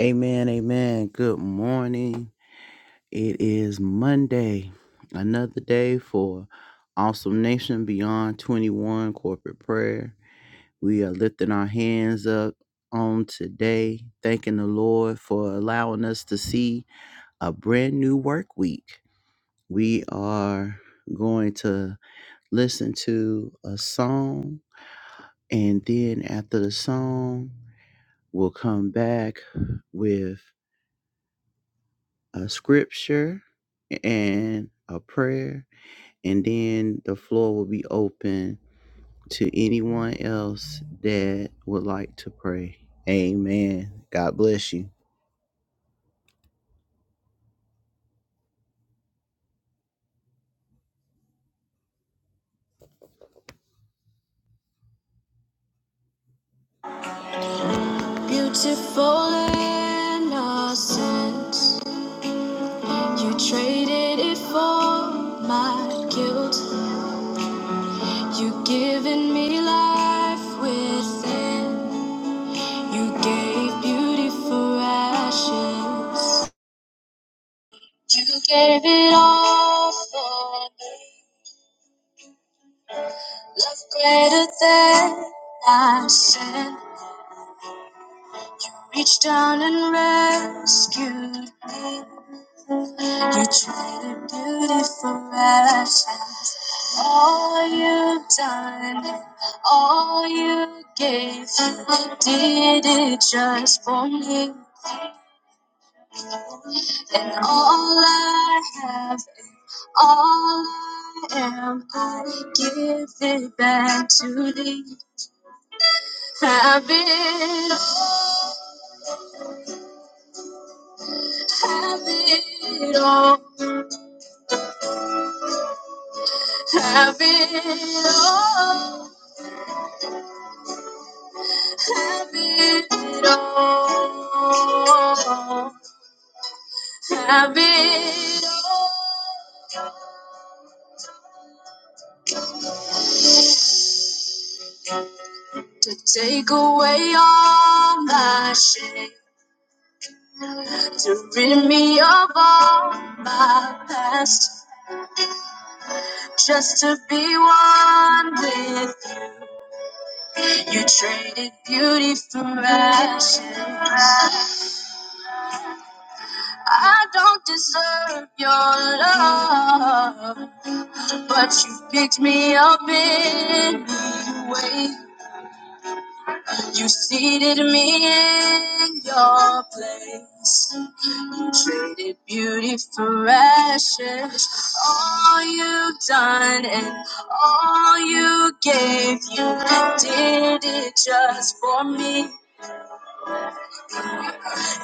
Amen, amen. Good morning. It is Monday, another day for Awesome Nation Beyond 21 corporate prayer. We are lifting our hands up on today, thanking the Lord for allowing us to see a brand new work week. We are going to listen to a song, and then after the song, we'll come back with a scripture and a prayer, and then the floor will be open to anyone else that would like to pray. Amen. God bless you. Beautiful innocence, you traded it for my guilt. You given me life within. You gave beauty for ashes. You gave it all for me. Love greater than I sin. Reached down and rescued me. You traded beauty for ashes. All you've done, all you gave, you did it just for me. And all I have, and all I am, I give it back to thee. Have it, have it all, have it all, have it all, have it all to take away all my shame. to rid me of all my past, just to be one with you. You Traded beauty for ashes. I don't deserve your love, but you picked me up anyway. You seated me in your place. You traded beauty for ashes. All you have done and all you gave, you did it just for me.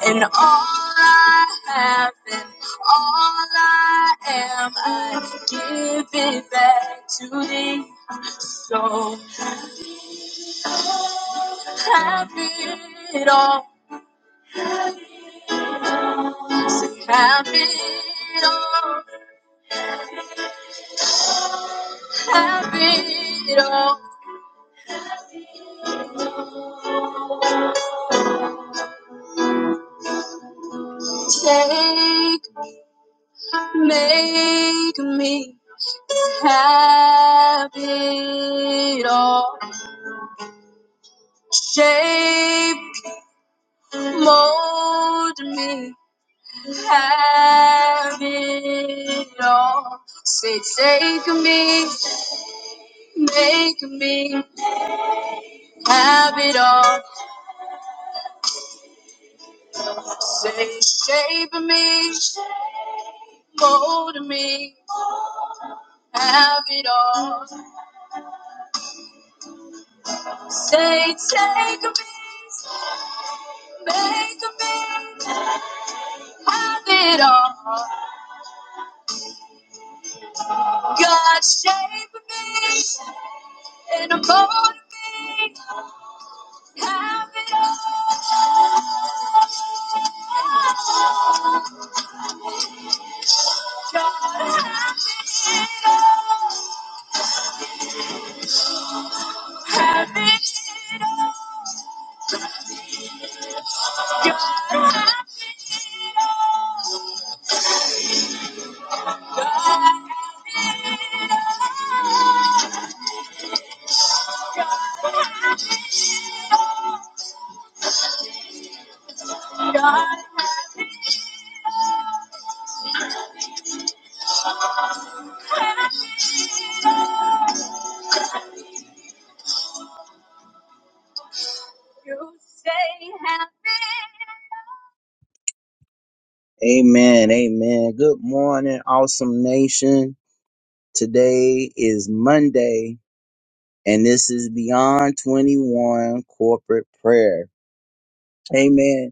And all I have and all I am, I give it back to thee. So have it all. Have it all, have it all. Take, make me have it all. Shape, mold me, have it all. Say, take me, make me have it all. Say, shape me, mold me, have it all. Say, take me, make me, have it all. God shape me and mold me, have it all. God, you say have it. Amen, amen. Good morning, awesome nation. Today is Monday, and this is Beyond 21 Corporate Prayer. Amen.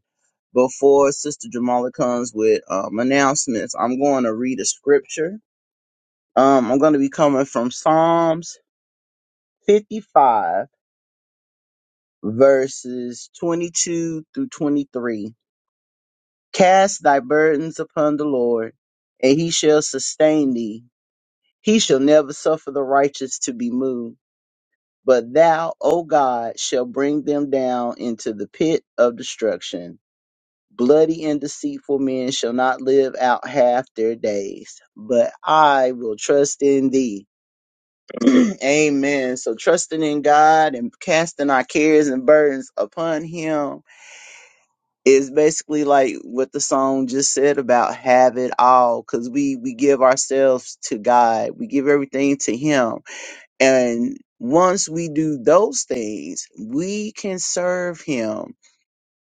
before Sister Jamala comes with um, announcements, I'm going to read a scripture. Um, I'm going to be coming from Psalms 55, verses 22 through 23. Cast thy burdens upon the Lord, and he shall sustain thee. He shall never suffer the righteous to be moved. But thou, O God, shall bring them down into the pit of destruction Bloody and deceitful men shall not live out half their days, but I will trust in thee. Amen. So trusting in God and casting our cares and burdens upon him is basically like what the song just said about have it all cuz we we give ourselves to God. We give everything to him. And once we do those things, we can serve him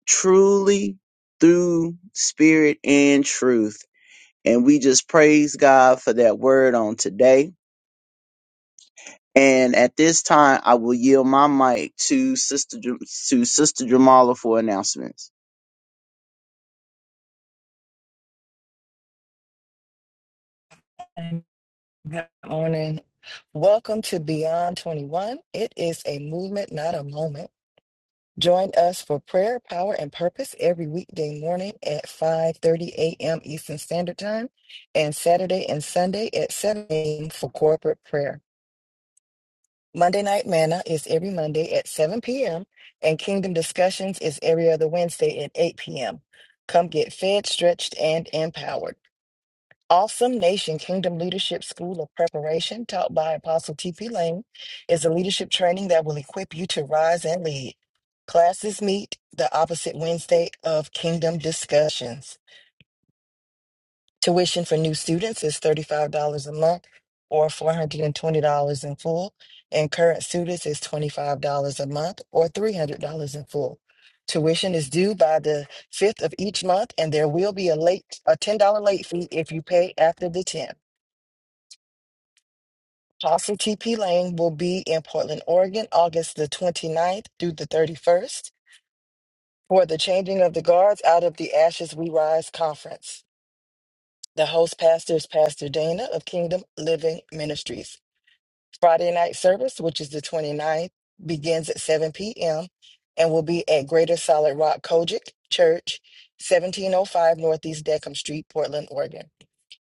truly through spirit and truth. And we just praise God for that word on today. And at this time, I will yield my mic to Sister Jam- to Sister Jamala for announcements. Good morning. Welcome to Beyond 21. It is a movement, not a moment. Join us for prayer, power, and purpose every weekday morning at 5:30 a.m. Eastern Standard Time and Saturday and Sunday at 7 a.m. for corporate prayer. Monday Night Manna is every Monday at 7 p.m. and Kingdom Discussions is every other Wednesday at 8 p.m. Come get fed, stretched, and empowered. Awesome Nation Kingdom Leadership School of Preparation, taught by Apostle T.P. Lane, is a leadership training that will equip you to rise and lead. Classes meet the opposite Wednesday of Kingdom Discussions. Tuition for new students is $35 a month or $420 in full, and current students is $25 a month or $300 in full. Tuition is due by the 5th of each month, and there will be a late a $10 late fee if you pay after the 10th. Apostle TP Lane will be in Portland, Oregon, August the 29th through the 31st for the Changing of the Guards Out of the Ashes We Rise conference. The host pastor is Pastor Dana of Kingdom Living Ministries. Friday night service, which is the 29th, begins at 7 p.m. and will be at Greater Solid Rock Kojic Church, 1705 Northeast Deckham Street, Portland, Oregon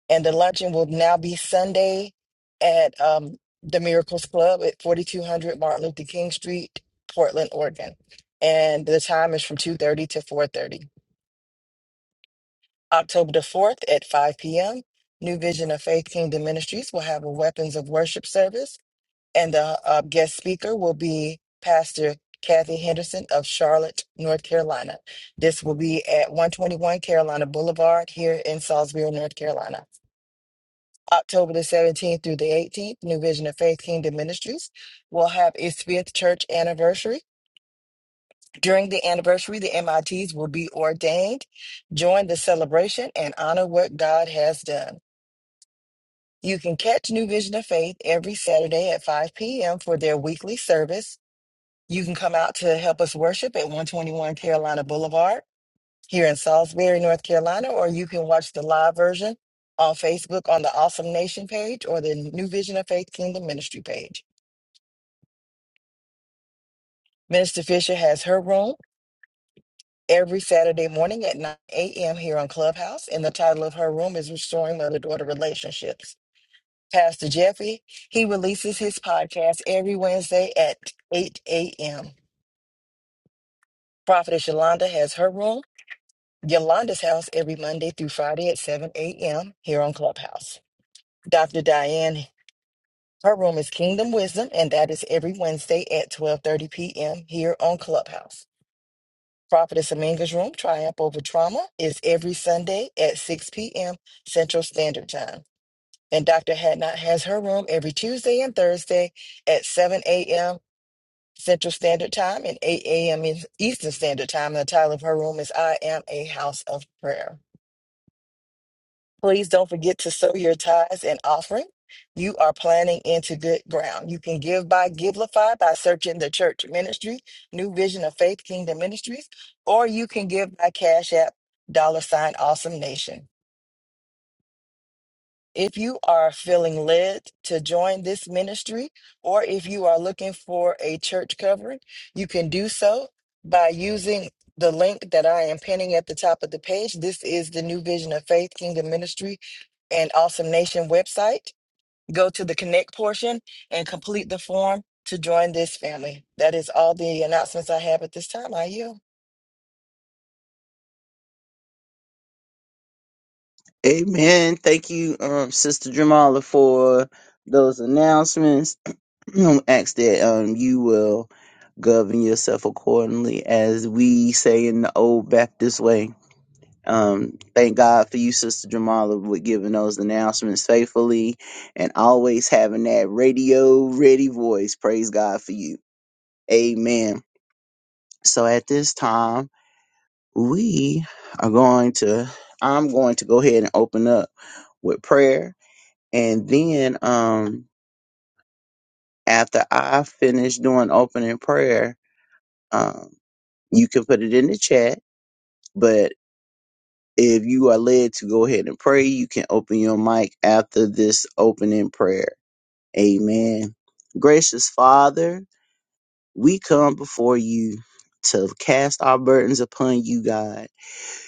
and the luncheon will now be Sunday at um, the Miracles Club at 4200 Martin Luther King Street, Portland, Oregon. And the time is from 2:30 to 4:30. October the 4th at 5 p.m. New Vision of Faith Kingdom Ministries will have a Weapons of Worship service, and the uh, guest speaker will be Pastor Kathy Henderson of Charlotte, North Carolina. This will be at 121 Carolina Boulevard here in Salisbury, North Carolina. October the 17th through the 18th, New Vision of Faith Kingdom Ministries will have its fifth church anniversary. During the anniversary, the MITs will be ordained. Join the celebration and honor what God has done. You can catch New Vision of Faith every Saturday at 5 p.m. for their weekly service. You can come out to help us worship at 121 Carolina Boulevard. here in Salisbury, North Carolina, or you can watch the live version on Facebook on the Awesome Nation page or the New Vision of Faith Kingdom Ministry page. Minister Fisher has her room every Saturday morning at 9 a.m. here on Clubhouse, and the title of her room is Restoring Mother Daughter Relationships. Pastor Jeffrey, he releases his podcast every Wednesday at 8 a.m. Prophetess Yolanda has her room, Yolanda's house, every Monday through Friday at 7 a.m. here on Clubhouse. Dr. Diane Her room is Kingdom Wisdom, and that is every Wednesday at 12:30 p.m. here on Clubhouse. Prophetess Aminga's room, Triumph Over Trauma, is every Sunday at 6 p.m. Central Standard Time. And Dr. Hadnot has her room every Tuesday and Thursday at 7 a.m. Central Standard Time and 8 a.m. Eastern Standard Time. And the title of her room is I Am a House of Prayer. Please don't forget to sow your tithes and offering. You are planting into good ground. You can give by Givelify by searching the church ministry, New Vision of Faith Kingdom Ministries, or you can give by Cash App, dollar sign Awesome Nation. If you are feeling led to join this ministry, or if you are looking for a church covering, you can do so by using the link that I am pinning at the top of the page. This is the New Vision of Faith Kingdom Ministry and Awesome Nation website. Go to the connect portion and complete the form to join this family. That is all the announcements I have at this time. I yield. Amen. Thank you, um, Sister Jamala, for those announcements. Ask that um, you will govern yourself accordingly, as we say in the old Baptist way. Um, thank God for you, Sister Jamala, with giving those announcements faithfully and always having that radio ready voice. Praise God for you. Amen. So at this time, we are going to, I'm going to go ahead and open up with prayer. And then, um, after I finish doing opening prayer, um, you can put it in the chat, But If you are led to go ahead and pray, you can open your mic after this opening prayer. Amen. Gracious Father, we come before you to cast our burdens upon you, God.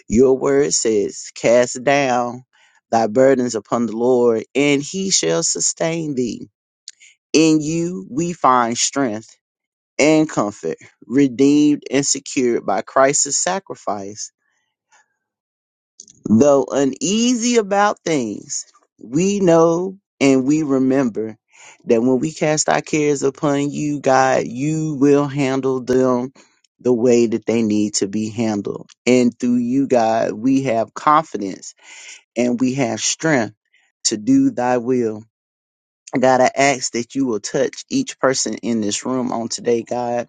Your word says, Cast down thy burdens upon the Lord, and he shall sustain thee. In you we find strength and comfort, redeemed and secured by Christ's sacrifice. Though uneasy about things, we know and we remember that when we cast our cares upon you, God, you will handle them the way that they need to be handled. And through you, God, we have confidence and we have strength to do thy will. God, I ask that you will touch each person in this room on today, God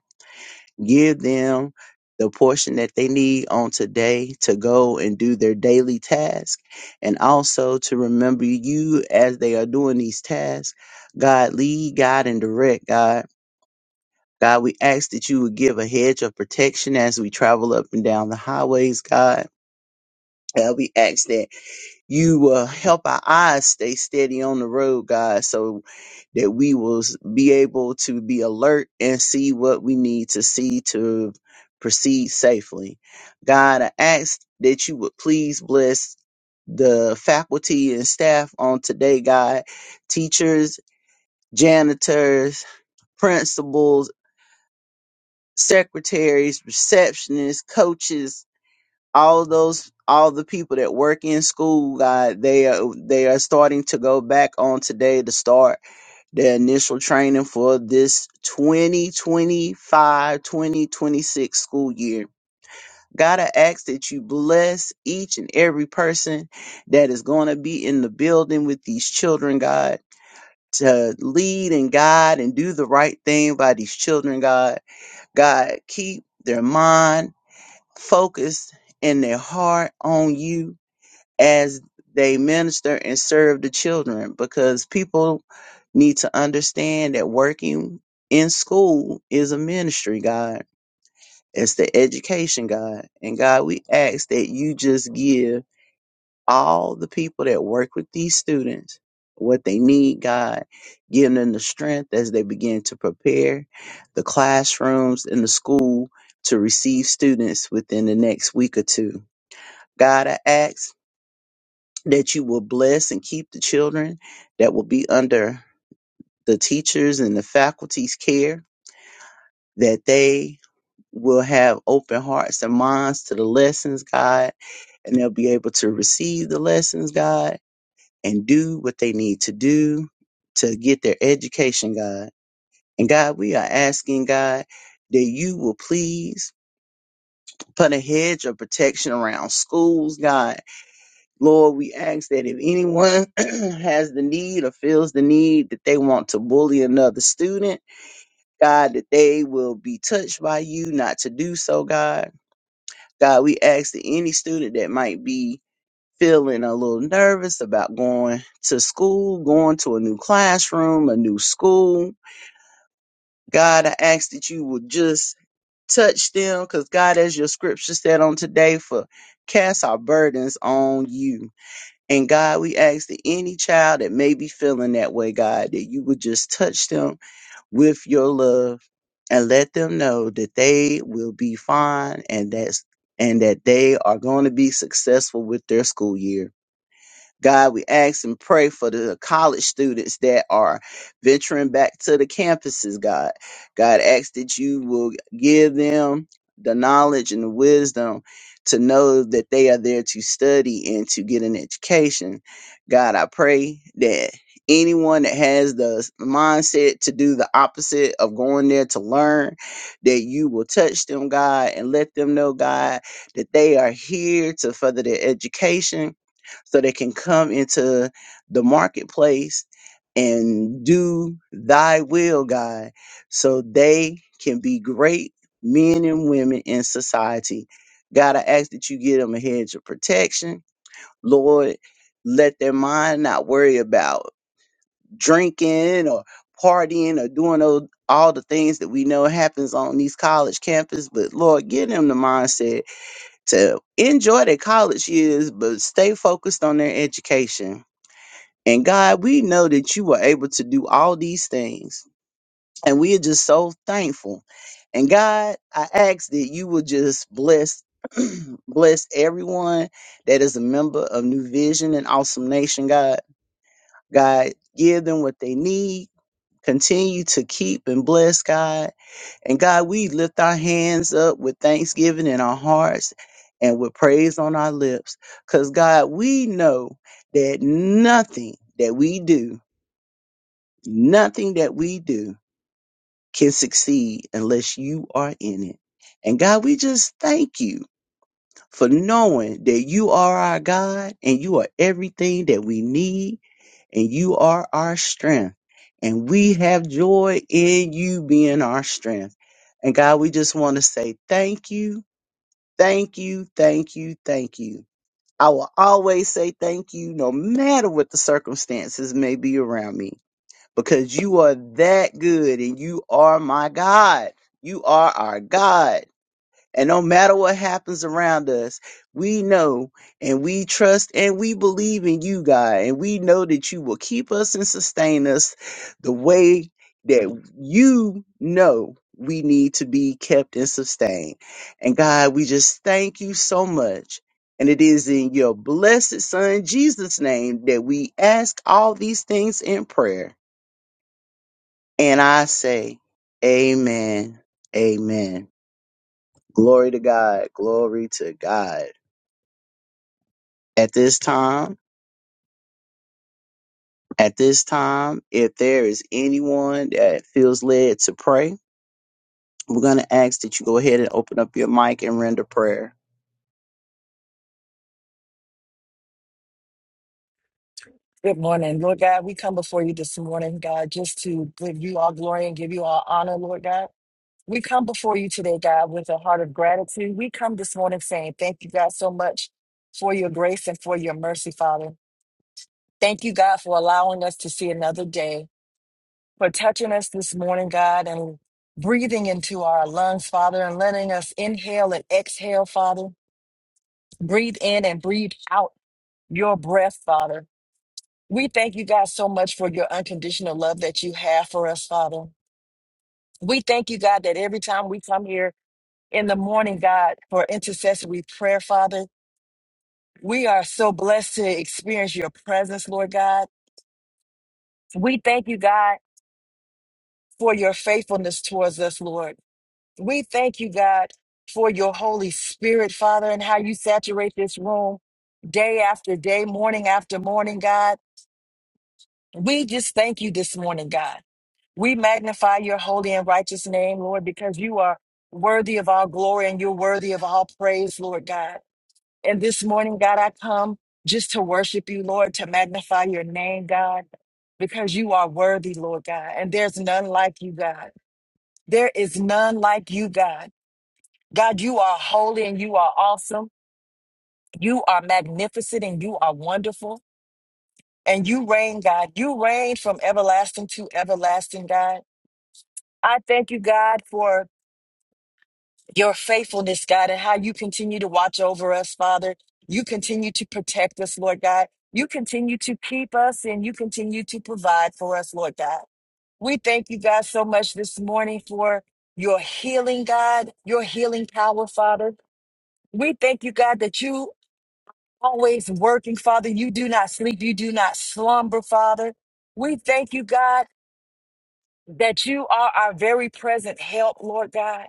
give them the portion that they need on today to go and do their daily task and also to remember you as they are doing these tasks god lead god and direct god god we ask that you would give a hedge of protection as we travel up and down the highways god God, we ask that you uh, help our eyes stay steady on the road, God, so that we will s- be able to be alert and see what we need to see to proceed safely. God, I ask that you would please bless the faculty and staff on today, God, teachers, janitors, principals, secretaries, receptionists, coaches, all those all the people that work in school god they are they are starting to go back on today to start their initial training for this 2025, 2026 school year god i ask that you bless each and every person that is going to be in the building with these children god to lead and guide and do the right thing by these children god god keep their mind focused and their heart on you as they minister and serve the children because people need to understand that working in school is a ministry, God. It's the education, God. And God, we ask that you just give all the people that work with these students what they need, God. Give them the strength as they begin to prepare the classrooms and the school to receive students within the next week or two. God, I ask that you will bless and keep the children that will be under the teachers and the faculty's care, that they will have open hearts and minds to the lessons, God, and they'll be able to receive the lessons, God, and do what they need to do to get their education, God. And God, we are asking, God, that you will please put a hedge of protection around schools, God, Lord, we ask that if anyone has the need or feels the need that they want to bully another student, God, that they will be touched by you not to do so, God. God, we ask that any student that might be feeling a little nervous about going to school, going to a new classroom, a new school, God, I ask that you will just touch them because, God, as your scripture said on today, for cast our burdens on you. And God, we ask that any child that may be feeling that way, God, that you would just touch them with your love and let them know that they will be fine and that's and that they are going to be successful with their school year. God, we ask and pray for the college students that are venturing back to the campuses, God. God, ask that you will give them the knowledge and the wisdom to know that they are there to study and to get an education. God, I pray that anyone that has the mindset to do the opposite of going there to learn, that you will touch them, God, and let them know, God, that they are here to further their education so they can come into the marketplace and do thy will, God, so they can be great men and women in society. God, I ask that you give them a hedge of protection. Lord, let their mind not worry about drinking or partying or doing those, all the things that we know happens on these college campuses. But Lord, give them the mindset to enjoy their college years, but stay focused on their education and God, we know that you were able to do all these things. And we are just so thankful. And God, I ask that you will just bless bless everyone that is a member of New Vision and Awesome Nation, God. God, give them what they need. Continue to keep and bless God. And God, we lift our hands up with thanksgiving in our hearts and with praise on our lips. Because God, we know that nothing that we do Nothing that we do can succeed unless you are in it. And God, we just thank you for knowing that you are our God and you are everything that we need and you are our strength. And we have joy in you being our strength. And God, we just want to say thank you, thank you, thank you, thank you. I will always say thank you no matter what the circumstances may be around me because you are that good and you are my God. You are our God. And no matter what happens around us, we know and we trust and we believe in you, God. And we know that you will keep us and sustain us the way that you know we need to be kept and sustained. And God, we just thank you so much. And it is in your blessed Son, Jesus' name, that we ask all these things in prayer. And I say, Amen. Amen. Glory to God. Glory to God. At this time, at this time, if there is anyone that feels led to pray, we're going to ask that you go ahead and open up your mic and render prayer. Good morning, Lord God. We come before you this morning, God, just to give you all glory and give you all honor, Lord God. We come before you today, God, with a heart of gratitude. We come this morning saying, Thank you, God, so much for your grace and for your mercy, Father. Thank you, God, for allowing us to see another day, for touching us this morning, God, and breathing into our lungs, Father, and letting us inhale and exhale, Father. Breathe in and breathe out your breath, Father. We thank you, God, so much for your unconditional love that you have for us, Father. We thank you, God, that every time we come here, in the morning, God, for intercessory prayer, Father. We are so blessed to experience your presence, Lord God. We thank you, God, for your faithfulness towards us, Lord. We thank you, God, for your Holy Spirit, Father, and how you saturate this room day after day, morning after morning, God. We just thank you this morning, God. We magnify your holy and righteous name, Lord, because you are worthy of all glory and you're worthy of all praise, Lord God. And this morning, God, I come just to worship you, Lord, to magnify your name, God, because you are worthy, Lord God. And there's none like you, God. There is none like you, God. God, you are holy and you are awesome. You are magnificent and you are wonderful. And you reign, God. You reign from everlasting to everlasting, God. I thank you, God, for your faithfulness, God, and how you continue to watch over us, Father. You continue to protect us, Lord God. You continue to keep us and you continue to provide for us, Lord God. We thank you, God, so much this morning for your healing, God, your healing power, Father. We thank you, God, that you always working, Father. You do not sleep. You do not slumber, Father. We thank you, God, that you are our very present help, Lord God.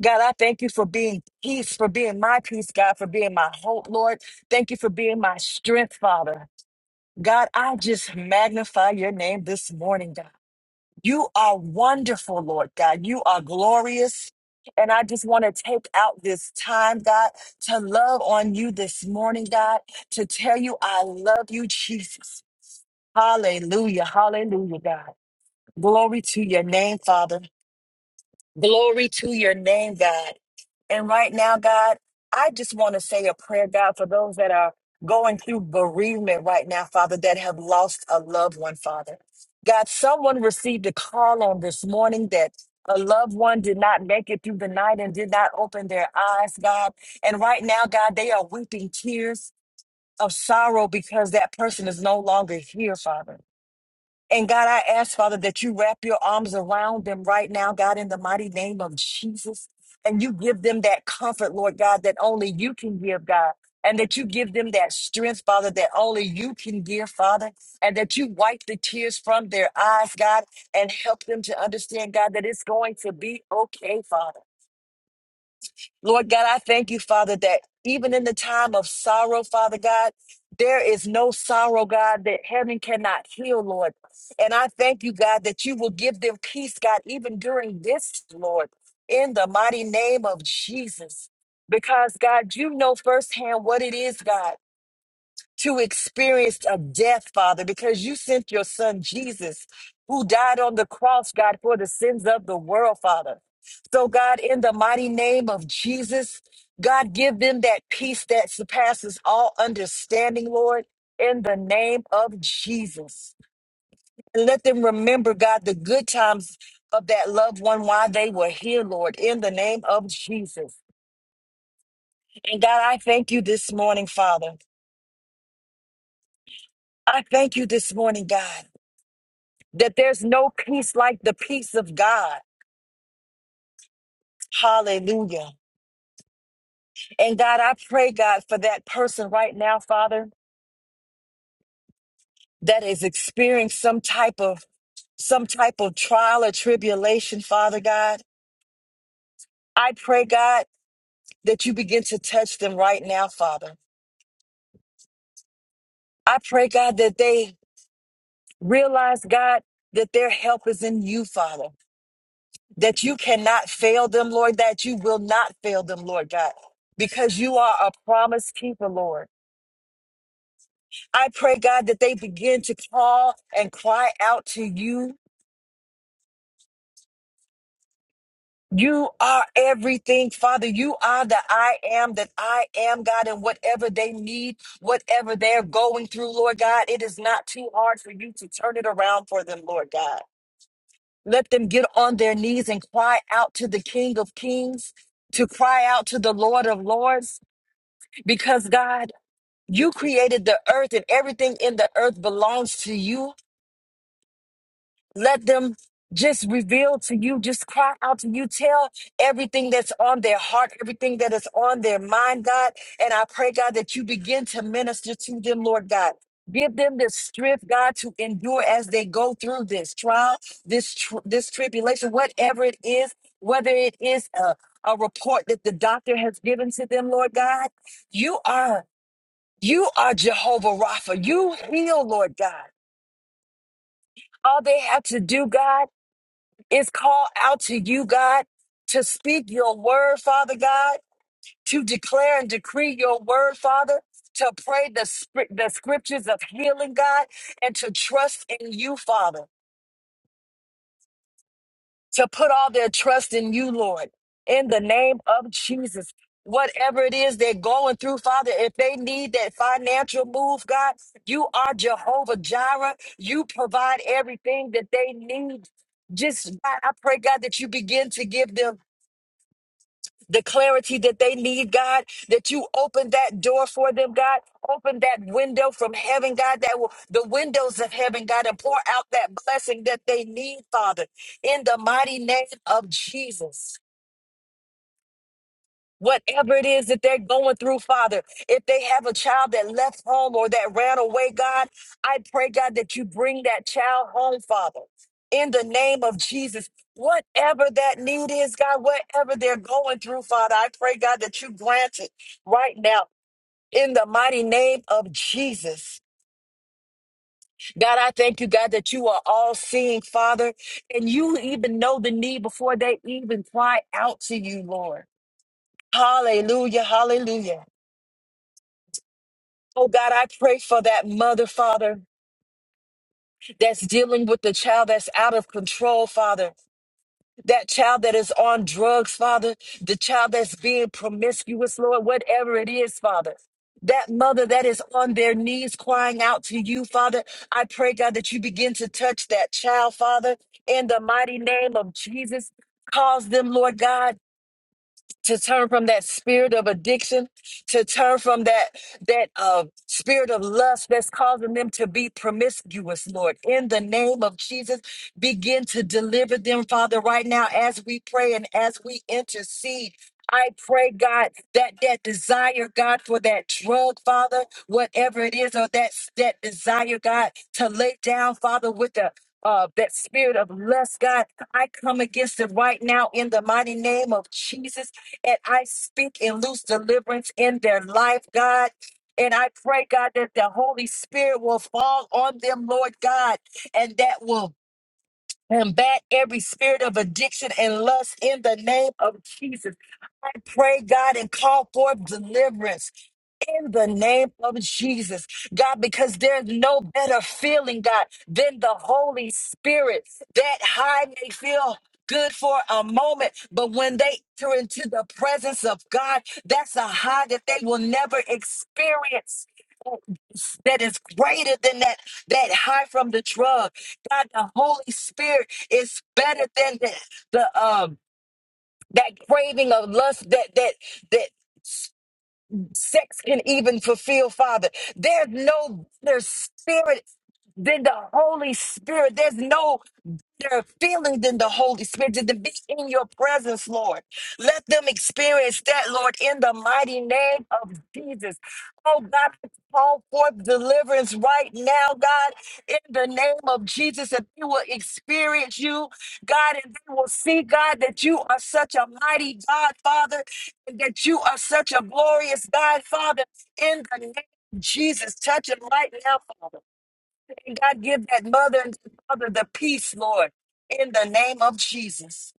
God, I thank you for being peace, for being my peace, God, for being my hope, Lord. Thank you for being my strength, Father. God, I just magnify your name this morning, God. You are wonderful, Lord God. You are glorious. And I just want to take out this time, God, to love on you this morning, God, to tell you I love you, Jesus. Hallelujah. Hallelujah, God. Glory to your name, Father. Glory to your name, God. And right now, God, I just want to say a prayer, God, for those that are going through bereavement right now, Father, that have lost a loved one, Father. God, someone received a call on this morning that a loved one did not make it through the night and did not open their eyes, God. And right now, God, they are weeping tears of sorrow because that person is no longer here, Father. And God, I ask, Father, that you wrap your arms around them right now, God, in the mighty name of Jesus. And you give them that comfort, Lord God, that only you can give, God. And that you give them that strength, Father, that only you can give, Father. And that you wipe the tears from their eyes, God, and help them to understand, God, that it's going to be okay, Father. Lord God, I thank you, Father, that even in the time of sorrow, Father God, there is no sorrow, God, that heaven cannot heal, Lord. And I thank you, God, that you will give them peace, God, even during this, Lord, in the mighty name of Jesus. Because, God, you know firsthand what it is, God to experience a death, Father, because you sent your son Jesus, who died on the cross, God, for the sins of the world, Father. So, God, in the mighty name of Jesus, God, give them that peace that surpasses all understanding, Lord, in the name of Jesus. And let them remember, God, the good times of that loved one while they were here, Lord, in the name of Jesus. And God, I thank you this morning, Father. I thank you this morning, God. that there's no peace like the peace of God. Hallelujah. And God, I pray, God, for that person right now, Father, that is experiencing some type of some type of trial or tribulation, Father God. I pray, God, that you begin to touch them right now, Father. I pray, God, that they realize, God, that their help is in you, Father, that you cannot fail them, Lord, that you will not fail them, Lord God, because you are a promise keeper, Lord. I pray, God, that they begin to call and cry out to you. You are everything, Father. You are the I am that I am, God, and whatever they need, whatever they're going through, Lord God, it is not too hard for you to turn it around for them, Lord God. Let them get on their knees and cry out to the King of Kings, to cry out to the Lord of Lords, because, God, you created the earth and everything in the earth belongs to you. Let them just reveal to you, just cry out to you, tell everything that's on their heart, everything that is on their mind, God. And I pray, God, that you begin to minister to them, Lord God. Give them the strength, God, to endure as they go through this trial, this tr- this tribulation, whatever it is, whether it is a, a report that the doctor has given to them, Lord God. You are you are Jehovah Rapha. You heal, Lord God. All they have to do, God. It's called out to you, God, to speak your word, Father God, to declare and decree your word, Father, to pray the, scrip- the scriptures of healing, God, and to trust in you, Father, to put all their trust in you, Lord, in the name of Jesus. Whatever it is they're going through, Father, if they need that financial move, God, you are Jehovah Jireh. You provide everything that they need. Just, God, I pray, God, that you begin to give them the clarity that they need, God, that you open that door for them, God. Open that window from heaven, God, that will, the windows of heaven, God, and pour out that blessing that they need, Father, in the mighty name of Jesus. Whatever it is that they're going through, Father, if they have a child that left home or that ran away, God, I pray, God, that you bring that child home, Father, in the name of Jesus. Whatever that need is, God, whatever they're going through, Father, I pray, God, that you grant it right now in the mighty name of Jesus. God, I thank you, God, that you are all seeing, Father, and you even know the need before they even cry out to you, Lord. Hallelujah, hallelujah. Oh God, I pray for that mother, Father, that's dealing with the child that's out of control, Father. That child that is on drugs, Father. The child that's being promiscuous, Lord, whatever it is, Father. That mother that is on their knees crying out to you, Father. I pray, God, that you begin to touch that child, Father, in the mighty name of Jesus. Cause them, Lord God to turn from that spirit of addiction to turn from that that uh, spirit of lust that's causing them to be promiscuous lord in the name of jesus begin to deliver them father right now as we pray and as we intercede I pray, God, that that desire, God, for that drug, Father, whatever it is, or that that desire, God, to lay down, Father, with the uh, that spirit of lust, God, I come against it right now in the mighty name of Jesus and I speak and loose deliverance in their life, God. And I pray, God, that the Holy Spirit will fall on them, Lord God, and that will combat every spirit of addiction and lust in the name of Jesus. I pray, God, and call forth deliverance in the name of Jesus, God, because there's no better feeling, God, than the Holy Spirit. That high may feel good for a moment, but when they enter into the presence of God, that's a high that they will never experience. That is greater than that that high from the drug. God, the Holy Spirit is better than the, the um that craving of lust that that that sex can even fulfill, Father. There's no better spirit than the Holy Spirit. There's no better feeling than the Holy Spirit, than to be in your presence, Lord. Let them experience that, Lord, in the mighty name of Jesus. Oh, God, I call forth deliverance right now, God, in the name of Jesus, that they will experience you, God, and they will see, God, that you are such a mighty God, Father, and that you are such a glorious God, Father, in the name of Jesus. Touch them right now, Father. And God, give that mother and father the peace, Lord, in the name of Jesus.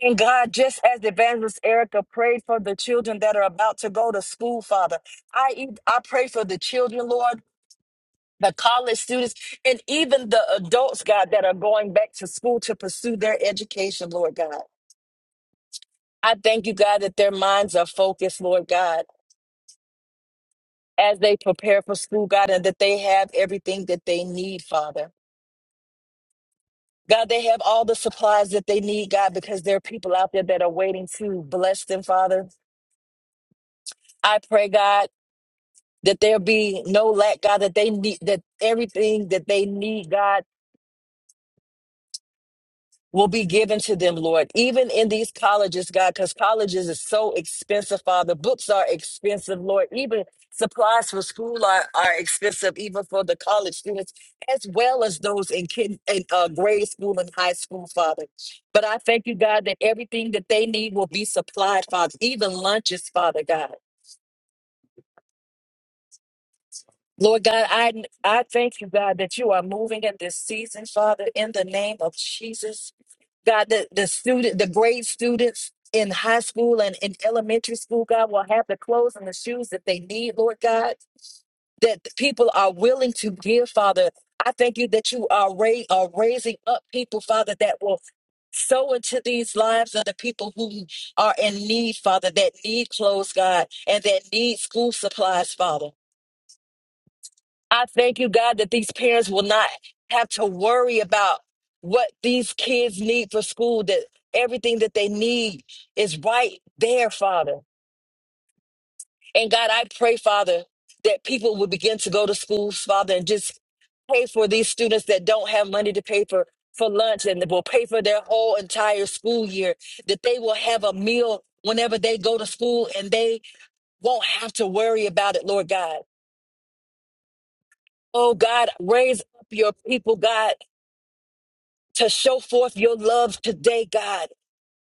And God, just as Evangelist Erica prayed for the children that are about to go to school, Father, I e- I pray for the children, Lord. The college students and even the adults, God, that are going back to school to pursue their education, Lord God. I thank you, God, that their minds are focused, Lord God, as they prepare for school, God, and that they have everything that they need, Father. God, they have all the supplies that they need, God, because there are people out there that are waiting to bless them, Father. I pray, God, that there be no lack, God, that they need that everything that they need, God. will be given to them, Lord, even in these colleges, God, because colleges is so expensive, Father. Books are expensive, Lord. Even supplies for school are, are expensive, even for the college students, as well as those in, kid, in uh, grade school and high school, Father. But I thank you, God, that everything that they need will be supplied, Father, even lunches, Father God. Lord God, I, I thank you, God, that you are moving in this season, Father, in the name of Jesus. God, the, the student, the grade students in high school and in elementary school, God, will have the clothes and the shoes that they need, Lord God, that the people are willing to give, Father. I thank you that you are, ra- are raising up people, Father, that will sow into these lives of the people who are in need, Father, that need clothes, God, and that need school supplies, Father. I thank you, God, that these parents will not have to worry about what these kids need for school, that everything that they need is right there, Father. And God, I pray, Father, that people will begin to go to schools, Father, and just pay for these students that don't have money to pay for for lunch and will pay for their whole entire school year that they will have a meal whenever they go to school and they won't have to worry about it lord god oh god raise up your people god to show forth your love today, God.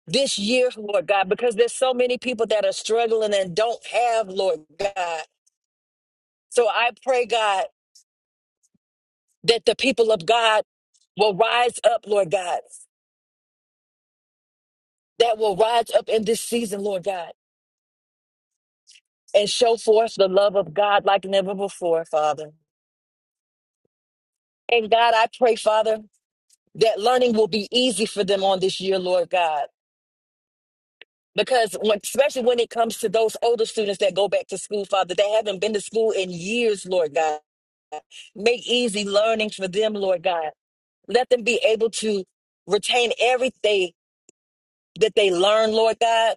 This year, Lord God, because there's so many people that are struggling and don't have, Lord God. So I pray, God, that the people of God will rise up, Lord God, that will rise up in this season, Lord God, and show forth the love of God like never before, Father. And God, I pray, Father, that learning will be easy for them on this year, Lord God. because when, especially when it comes to those older students that go back to school father they haven't been to school in years lord god make easy learning for them lord god let them be able to retain everything that they learn lord god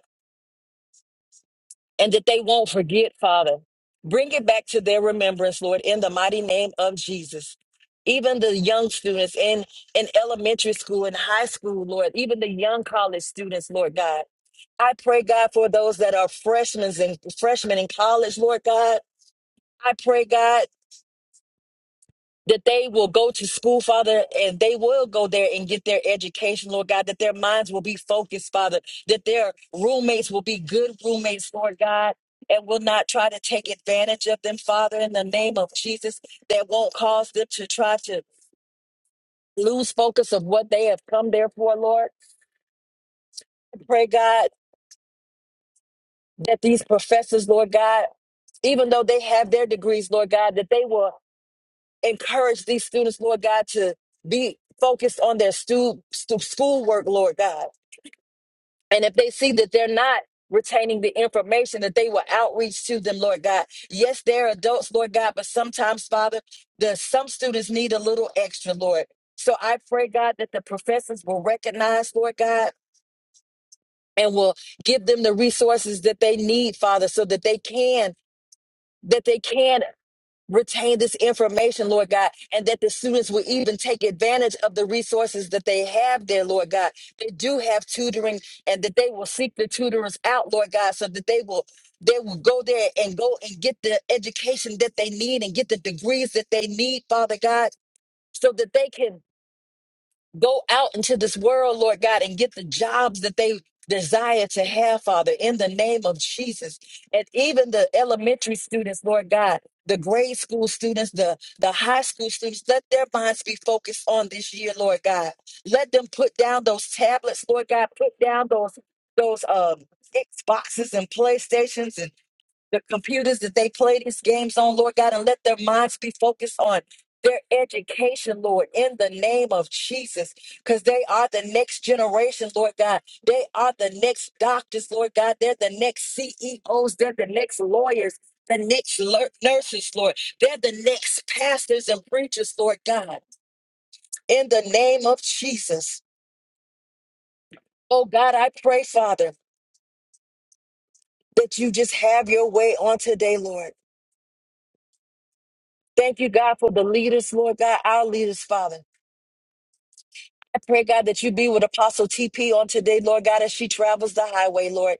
and that they won't forget, Father. Bring it back to their remembrance, Lord, in the mighty name of Jesus. Even the young students in, in elementary school and high school, Lord, even the young college students, Lord God. I pray, God, for those that are freshmen and freshmen in college, Lord God. I pray, God that they will go to school, Father, and they will go there and get their education, Lord God, that their minds will be focused, Father, that their roommates will be good roommates, Lord God. And will not try to take advantage of them, Father, in the name of Jesus, that won't cause them to try to lose focus of what they have come there for, Lord. Pray, God, that these professors, Lord God, even though they have their degrees, Lord God, that they will encourage these students, Lord God, to be focused on their stu- stu- schoolwork, Lord God. And if they see that they're not retaining the information, that they will outreach to them, Lord God. Yes, they're adults, Lord God, but sometimes, Father, the some students need a little extra, Lord. So I pray, God, that the professors will recognize, Lord God, and will give them the resources that they need, Father, so that they can that they can retain this information, Lord God, and that the students will even take advantage of the resources that they have there, Lord God. They do have tutoring and that they will seek the tutors out, Lord God, so that they will they will go there and go and get the education that they need and get the degrees that they need, Father God, so that they can go out into this world, Lord God, and get the jobs that they desire to have, Father, in the name of Jesus. And even the elementary students, Lord God, the grade school students, the, the high school students, let their minds be focused on this year, Lord God. Let them put down those tablets, Lord God, put down those those um Xboxes and PlayStations the computers that they play these games on, Lord God, and let their minds be focused on their education, Lord, in the name of Jesus, because they are the next generation, Lord God. They are the next doctors, Lord God. They're the next CEOs. They're the next lawyers, the next lur- nurses, Lord. They're the next pastors and preachers, Lord God, in the name of Jesus. Oh God, I pray, Father, that you just have your way on today, Lord. Thank you, God, for the leaders, Lord God, our leaders, Father. I pray, God, that you be with Apostle TP on today, Lord God, as she travels the highway, Lord.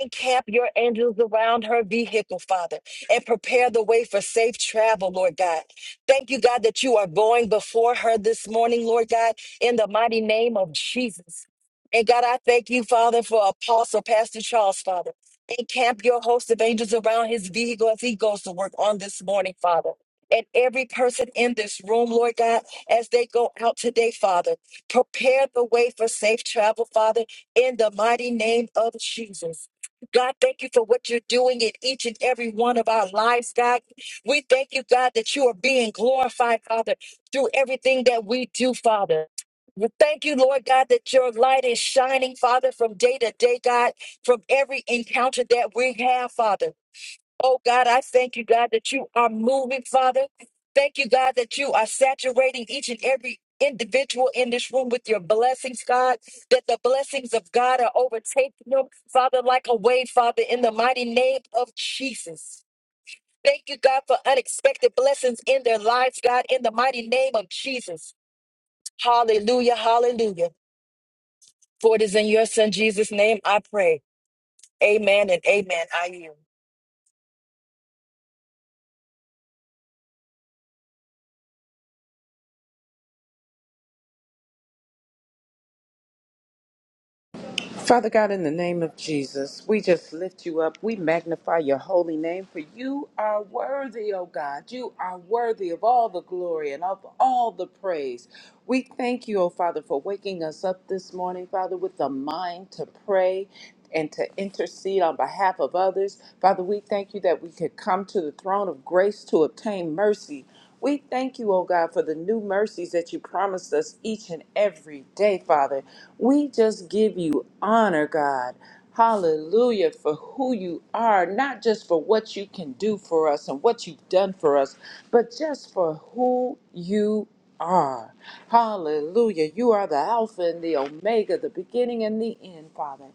Encamp your angels around her vehicle, Father, and prepare the way for safe travel, Lord God. Thank you, God, that you are going before her this morning, Lord God, in the mighty name of Jesus. And God, I thank you, Father, for Apostle Pastor Charles, Father. Encamp your host of angels around his vehicle as he goes to work on this morning, Father. And every person in this room, Lord God, as they go out today, Father. Prepare the way for safe travel, Father, in the mighty name of Jesus. God, thank you for what you're doing in each and every one of our lives, God. We thank you, God, that you are being glorified, Father, through everything that we do, Father. We Thank you, Lord God, that your light is shining, Father, from day to day, God, from every encounter that we have, Father. Oh God, I thank you, God, that you are moving, Father. Thank you, God, that you are saturating each and every individual in this room with your blessings, God, that the blessings of God are overtaking them, Father, like a wave, Father, in the mighty name of Jesus. Thank you, God, for unexpected blessings in their lives, God, in the mighty name of Jesus. Hallelujah, hallelujah. For it is in your Son, Jesus' name, I pray. Amen and amen. I you. Father God, in the name of Jesus, we just lift you up. We magnify your holy name, for you are worthy, O God. You are worthy of all the glory and of all the praise. We thank you, O Father, for waking us up this morning, Father, with the mind to pray and to intercede on behalf of others. Father, we thank you that we could come to the throne of grace to obtain mercy. We thank you, oh God, for the new mercies that you promised us each and every day, Father. We just give you honor, God. Hallelujah for who you are, not just for what you can do for us and what you've done for us, but just for who you are. Hallelujah. You are the Alpha and the Omega, the beginning and the end, Father.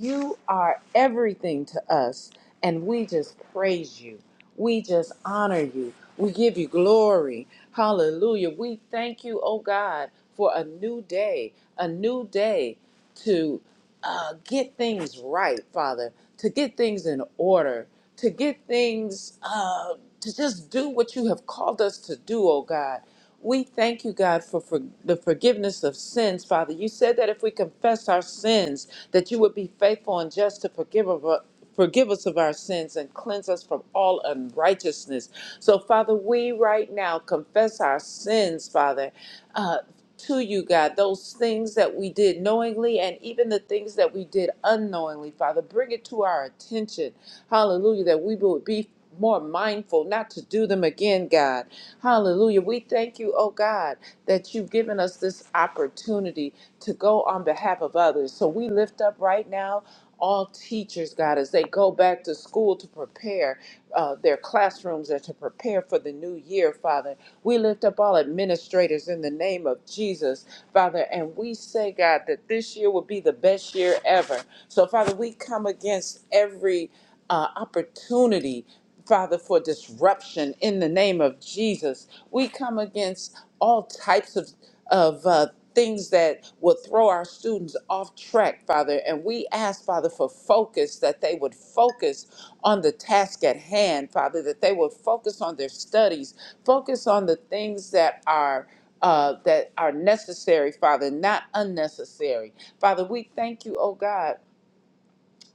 You are everything to us, and we just praise you. We just honor you. We give you glory. Hallelujah. We thank you, oh God, for a new day, a new day to uh, get things right, Father, to get things in order, to get things, uh, to just do what you have called us to do, oh God. We thank you, God, for, for the forgiveness of sins, Father. You said that if we confess our sins, that you would be faithful and just to forgive of us. Forgive us of our sins and cleanse us from all unrighteousness. So, Father, we right now confess our sins, Father, uh, to you, God. Those things that we did knowingly and even the things that we did unknowingly, Father, bring it to our attention. Hallelujah, that we would be more mindful not to do them again, God. Hallelujah. We thank you, oh God, that you've given us this opportunity to go on behalf of others. So we lift up right now all teachers, God, as they go back to school to prepare uh, their classrooms and to prepare for the new year, Father. We lift up all administrators in the name of Jesus, Father, and we say, God, that this year will be the best year ever. So, Father, we come against every uh, opportunity, Father, for disruption in the name of Jesus. We come against all types of, of uh, things that will throw our students off track, Father. And we ask, Father, for focus, that they would focus on the task at hand, Father, that they would focus on their studies, focus on the things that are. Uh, that are necessary, Father, not unnecessary. Father, we thank you, oh God,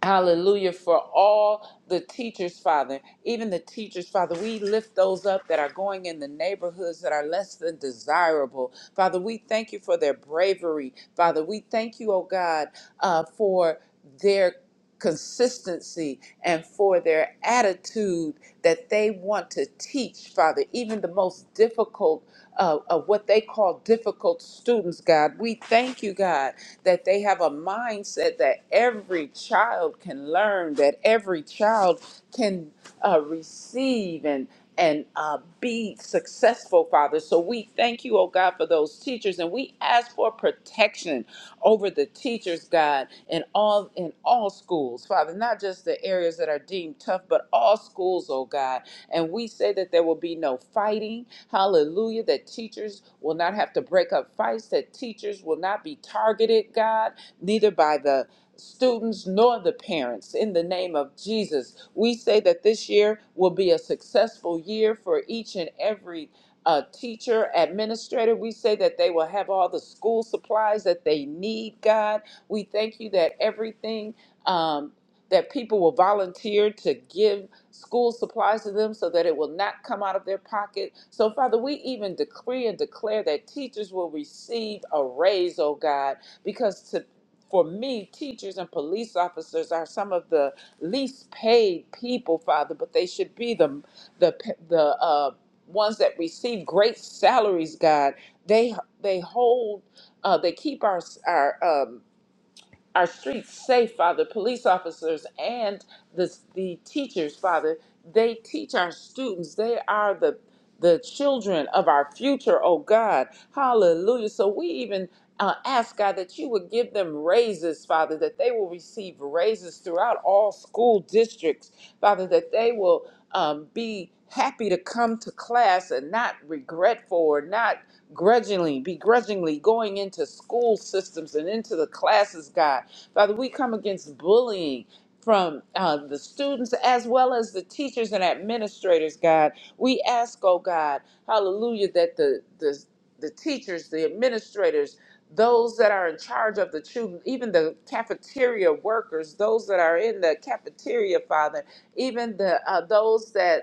Hallelujah for all the teachers, Father. Even the teachers, Father, we lift those up that are going in the neighborhoods that are less than desirable. Father, we thank you for their bravery. Father, we thank you, oh God, uh, for their consistency and for their attitude that they want to teach, Father, even the most difficult uh, of what they call difficult students, God. We thank you, God, that they have a mindset that every child can learn, that every child can uh, receive and and uh, be successful, Father. So we thank you, oh God, for those teachers, and we ask for protection over the teachers, God, in all in all schools, Father, not just the areas that are deemed tough, but all schools, oh God. And we say that there will be no fighting. Hallelujah. That teachers will not have to break up fights, that teachers will not be targeted, God, neither by the students nor the parents in the name of Jesus. We say that this year will be a successful year for each and every a teacher, administrator. We say that they will have all the school supplies that they need, God. We thank you that everything um, that people will volunteer to give school supplies to them so that it will not come out of their pocket. So, Father, we even decree and declare that teachers will receive a raise, oh God, because to for me, teachers and police officers are some of the least paid people, Father, but they should be the the the uh, ones that receive great salaries. God, they they hold, uh, they keep our our um, our streets safe, Father, police officers and the, the teachers, Father. They teach our students. They are the the children of our future, oh God. Hallelujah. So we even uh, ask, God, that you would give them raises, Father, that they will receive raises throughout all school districts, Father, that they will um, be happy to come to class and not regretful or not grudgingly, begrudgingly going into school systems and into the classes, God. Father, we come against bullying from uh, the students as well as the teachers and administrators, God. We ask, oh God, hallelujah, that the, the, the teachers, the administrators, those that are in charge of the children, even the cafeteria workers, those that are in the cafeteria, Father, even the uh, those that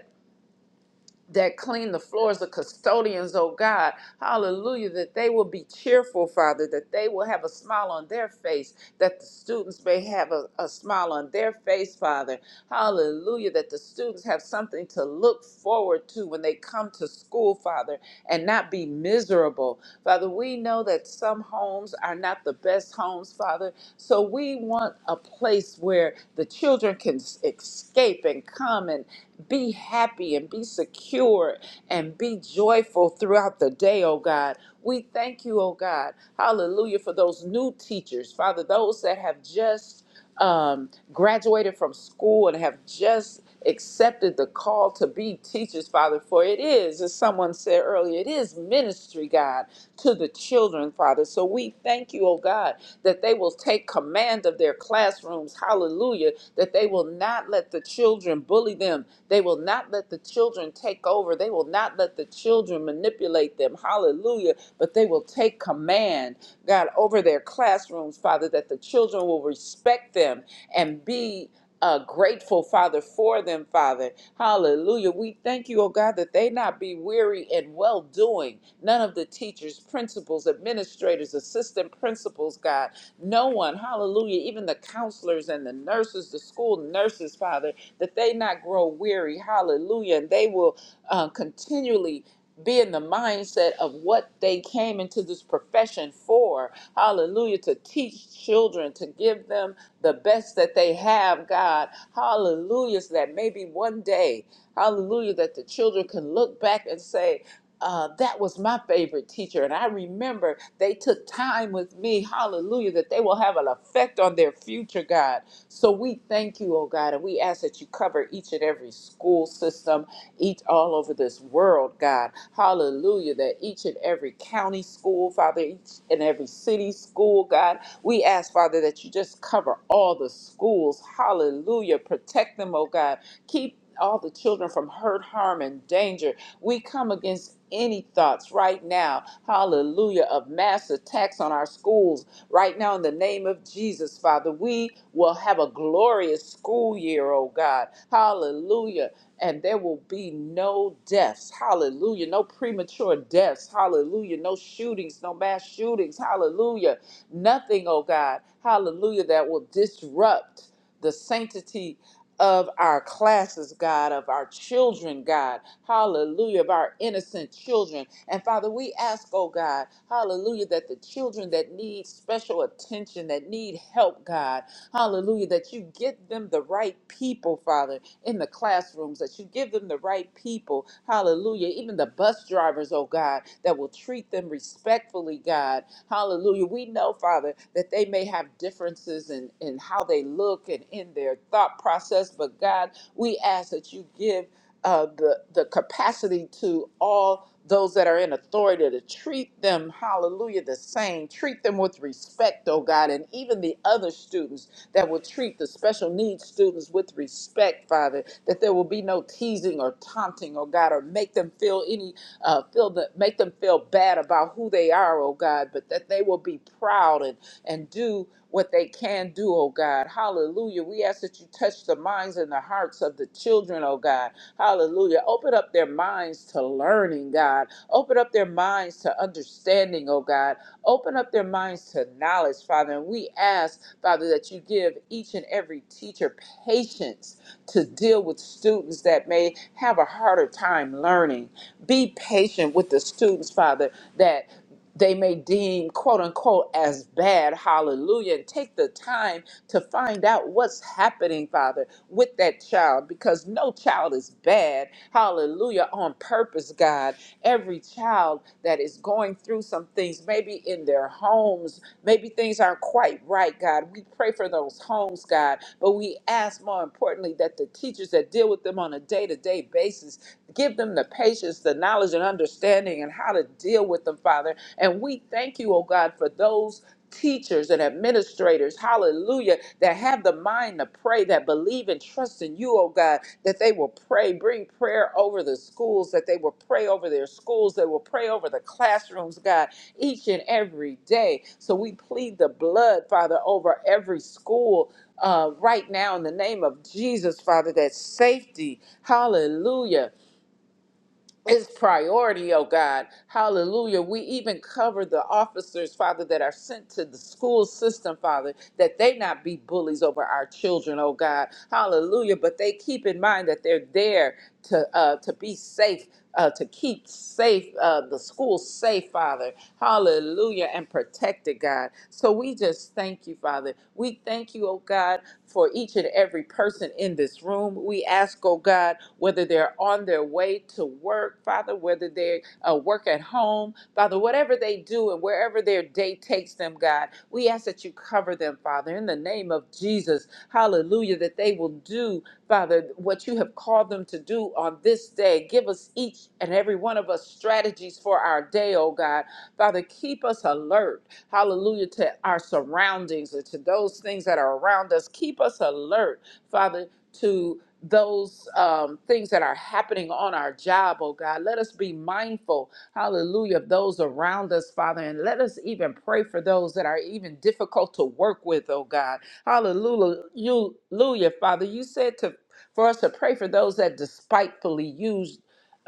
that clean the floors, the custodians, oh God, hallelujah, that they will be cheerful, Father, that they will have a smile on their face, that the students may have a, a smile on their face, Father, hallelujah, that the students have something to look forward to when they come to school, Father, and not be miserable. Father, we know that some homes are not the best homes, Father, so we want a place where the children can s- escape and come and be happy happy and be secure and be joyful throughout the day, oh God. We thank you, oh God. Hallelujah for those new teachers, Father, those that have just um, graduated from school and have just accepted the call to be teachers, Father, for it is, as someone said earlier, it is ministry, God, to the children, Father. So we thank you, oh God, that they will take command of their classrooms, hallelujah, that they will not let the children bully them, them. They will not let the children take over. They will not let the children manipulate them. Hallelujah. But they will take command, God, over their classrooms, Father, that the children will respect them and be. Uh, grateful father for them father hallelujah we thank you oh god that they not be weary in well doing none of the teachers principals administrators assistant principals god no one hallelujah even the counselors and the nurses the school nurses father that they not grow weary. Hallelujah. And they will uh, continually be in the mindset of what they came into this profession for. Hallelujah. To teach children, to give them the best that they have, God. Hallelujah. So that maybe one day, hallelujah, that the children can look back and say, uh, that was my favorite teacher. And I remember they took time with me, hallelujah, that they will have an effect on their future, God. So we thank you, oh God, and we ask that you cover each and every school system, each all over this world, God. Hallelujah, that each and every county school, Father, each and every city school, God. We ask, Father, that you just cover all the schools, hallelujah. Protect them, oh God. Keep all the children from hurt, harm, and danger. We come against just any thoughts right now, hallelujah, of mass attacks on our schools, right now in the name of Jesus, Father, we will have a glorious school year, oh God, hallelujah. And there will be no deaths, hallelujah, no premature deaths, hallelujah, no shootings, no mass shootings, hallelujah, nothing, oh God, hallelujah, that will disrupt the sanctity of our classes, God, of our children, God. Hallelujah, of our innocent children. And Father, we ask, oh God, hallelujah, that the children that need special attention, that need help, God, Hallelujah. That you get them the right people, Father, in the classrooms, that you give them the right people. Hallelujah. Even the bus drivers, oh God, that will treat them respectfully, God. Hallelujah. We know, Father, that they may have differences in, in how they look and in their thought process, but God, we ask that you give uh, the, the capacity to all those that are in authority to treat them, hallelujah, the same. Treat them with respect, oh God, and even the other students that will treat the special needs students with respect, Father, that there will be no teasing or taunting, oh God, or make them feel any, uh, feel that, make them feel bad about who they are, oh God, but that they will be proud and, and do what they can do, oh God. Hallelujah. We ask that you touch the minds and the hearts of the children, oh God. Hallelujah. Open up their minds to learning, God. Open up their minds to understanding, oh God. Open up their minds to knowledge, Father. And we ask, Father, that you give each and every teacher patience to deal with students that may have a harder time learning. Be patient with the students, Father, that they may deem quote unquote as bad hallelujah and take the time to find out what's happening father with that child because no child is bad hallelujah on purpose god every child that is going through some things maybe in their homes maybe things aren't quite right god we pray for those homes god but we ask more importantly that the teachers that deal with them on a day-to-day basis give them the patience the knowledge and understanding understanding and how to deal with them, Father. And we thank you, oh God, for those teachers and administrators, hallelujah, that have the mind to pray, that believe and trust in you, oh God, that they will pray, bring prayer over the schools, that they will pray over their schools, they will pray over the classrooms, God, each and every day. So we plead the blood, Father, over every school. Uh, right now, in the name of Jesus, Father, that safety, hallelujah, is priority, oh God. Hallelujah. We even cover the officers, Father, that are sent to the school system, Father, that they not be bullies over our children, oh God. Hallelujah. But they keep in mind that they're there to uh, to be safe. Uh, to keep safe uh, the school safe, Father, Hallelujah, and protect it, God. So we just thank you, Father. We thank you, oh God, for each and every person in this room. We ask, oh God. God, whether they're on their way to work, Father, whether they uh, work at home, Father, whatever they do and wherever their day takes them, God, we ask that you cover them, Father, in the name of Jesus. Hallelujah, that they will do, Father, what you have called them to do on this day. Give us each and every one of us strategies for our day, oh God. Father, keep us alert, hallelujah, to our surroundings and to those things that are around us. Keep us alert, Father. To those um, things that are happening on our job, oh God. Let us be mindful, hallelujah, of those around us, Father, and let us even pray for those that are even difficult to work with, oh God. Hallelujah, You- hallelujah, Father. You said to for us to pray for those that despitefully use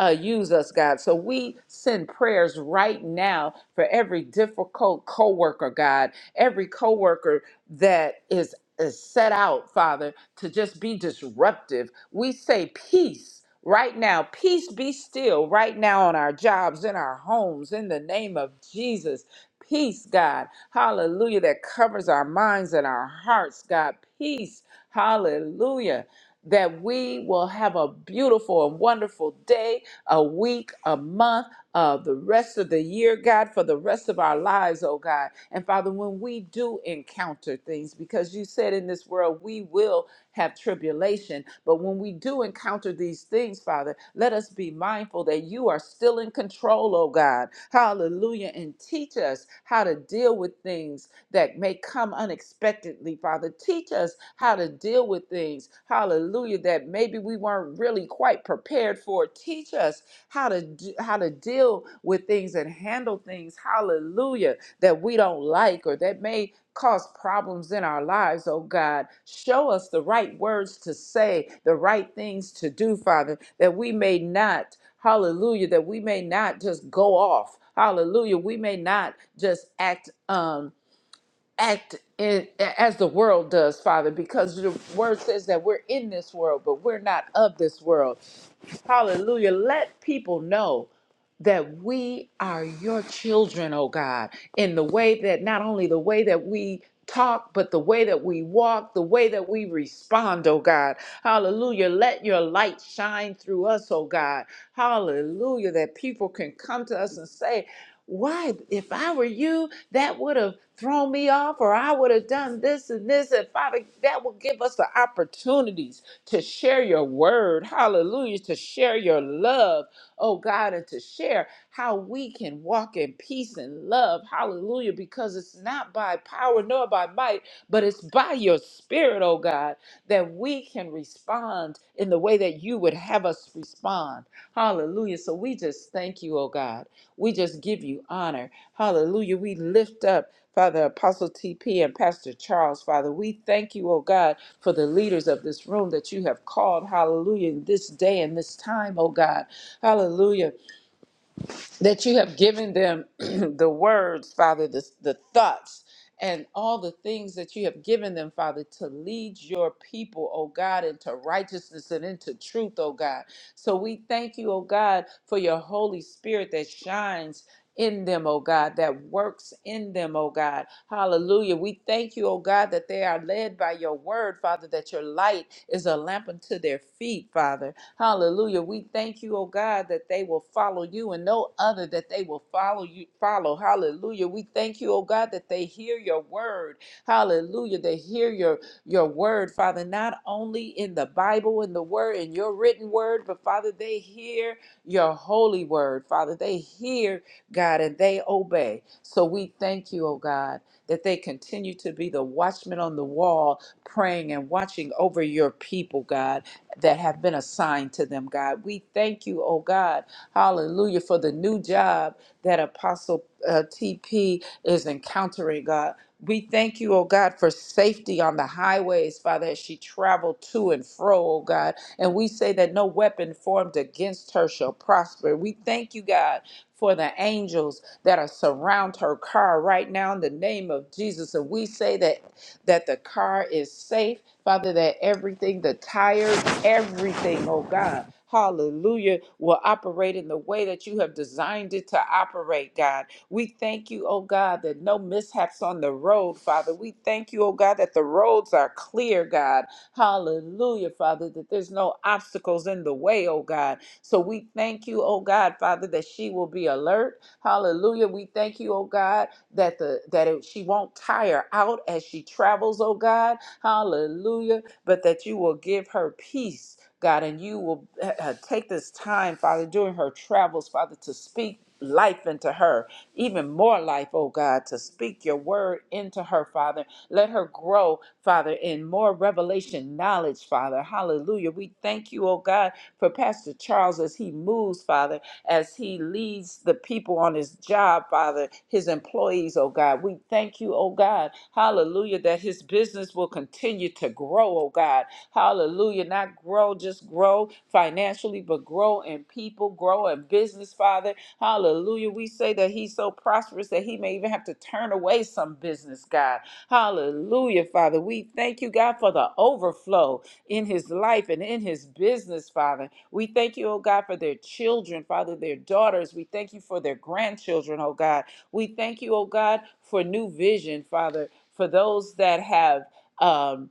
uh, use us, God. So we send prayers right now for every difficult coworker, God, every coworker that is is set out, Father to just be disruptive. We say peace right now. Peace be still right now on our jobs, in our homes, in the name of Jesus. Peace, God. Hallelujah. That covers our minds and our hearts, God. Peace. Hallelujah. That we will have a beautiful and wonderful day, a week, a month, uh, the rest of the year, God, for the rest of our lives, oh God. And Father, when we do encounter things, because you said in this world we will have tribulation. But when we do encounter these things, Father, let us be mindful that you are still in control, oh God. Hallelujah. And teach us how to deal with things that may come unexpectedly, Father. Teach us how to deal with things, hallelujah, that maybe we weren't really quite prepared for. Teach us how to do, how to deal with things and handle things, hallelujah, that we don't like or that may cause problems in our lives, oh God. Show us the right words to say, the right things to do, Father, that we may not, hallelujah, that we may not just go off. Hallelujah. We may not just act um act in, as the world does, Father, because your word says that we're in this world, but we're not of this world. Hallelujah. Let people know that we are your children, oh God, in the way that not only the way that we talk, but the way that we walk, the way that we respond, oh God. Hallelujah. Let your light shine through us, oh God. Hallelujah. That people can come to us and say, why, if I were you, that would have thrown me off, or I would have done this and this. And Father, that will give us the opportunities to share your word, hallelujah, to share your love, oh God, and to share how we can walk in peace and love, hallelujah, because it's not by power nor by might, but it's by your spirit, oh God, that we can respond in the way that you would have us respond, hallelujah. So we just thank you, oh God. We just give you honor, hallelujah. We lift up Father Apostle TP and Pastor Charles, Father, we thank you, oh God for the leaders of this room that you have called, hallelujah, in this day and this time, oh God. Hallelujah that you have given them the words, Father, the, the thoughts, and all the things that you have given them, Father, to lead your people, oh God, into righteousness and into truth, oh God. So we thank you, oh God, for your Holy Spirit that shines. In them, oh God, that works in them, oh God. Hallelujah. We thank you, oh God, that they are led by your word, Father, that your light is a lamp unto their feet, Father. Hallelujah. We thank you, oh God, that they will follow you and no other that they will follow you. Follow. Hallelujah. We thank you, oh God, that they hear your word. Hallelujah. They hear your your word, Father, not only in the Bible and the word in your written word, but Father, they hear your holy word. Father, they hear God and they obey. So we thank you, oh God, that they continue to be the watchmen on the wall, praying and watching over your people, God that have been assigned to them, God. We thank you, oh God, hallelujah, for the new job that Apostle uh, TP is encountering, God. We thank you, oh God, for safety on the highways, Father, as she traveled to and fro, oh God. And we say that no weapon formed against her shall prosper. We thank you, God, for the angels that are surround her car right now in the name of Jesus. And we say that that the car is safe, Father, that everything, the tires, everything, oh God. Hallelujah, will operate in the way that you have designed it to operate, God. We thank you, oh God, that no mishaps on the road, Father. We thank you, oh God, that the roads are clear, God. Hallelujah, Father, that there's no obstacles in the way, oh God. So we thank you, oh God, Father, that she will be alert. Hallelujah. We thank you, oh God, that the that it, she won't tire out as she travels, oh God. Hallelujah but that you will give her peace, God, and you will uh, uh, take this time, Father, during her travels, Father, to speak life into her, even more life, oh God, to speak your word into her, Father. Let her grow, Father, in more revelation knowledge, Father. Hallelujah. We thank you, oh God, for Pastor Charles as he moves, Father as he leads the people on his job, Father, his employees, oh God. We thank you, oh God. Hallelujah, that his business will continue to grow, oh God. Hallelujah, not grow, just grow financially, but grow in people, grow in business, Father. Hallelujah. We say that he's so prosperous that he may even have to turn away some business, God. Hallelujah, Father. We thank you, God, for the overflow in his life and in his business, Father. We thank you, oh God, for their children, Father, their daughters. We thank you for their grandchildren, oh God. We thank you, oh God, for new vision, Father, for those that have. Um,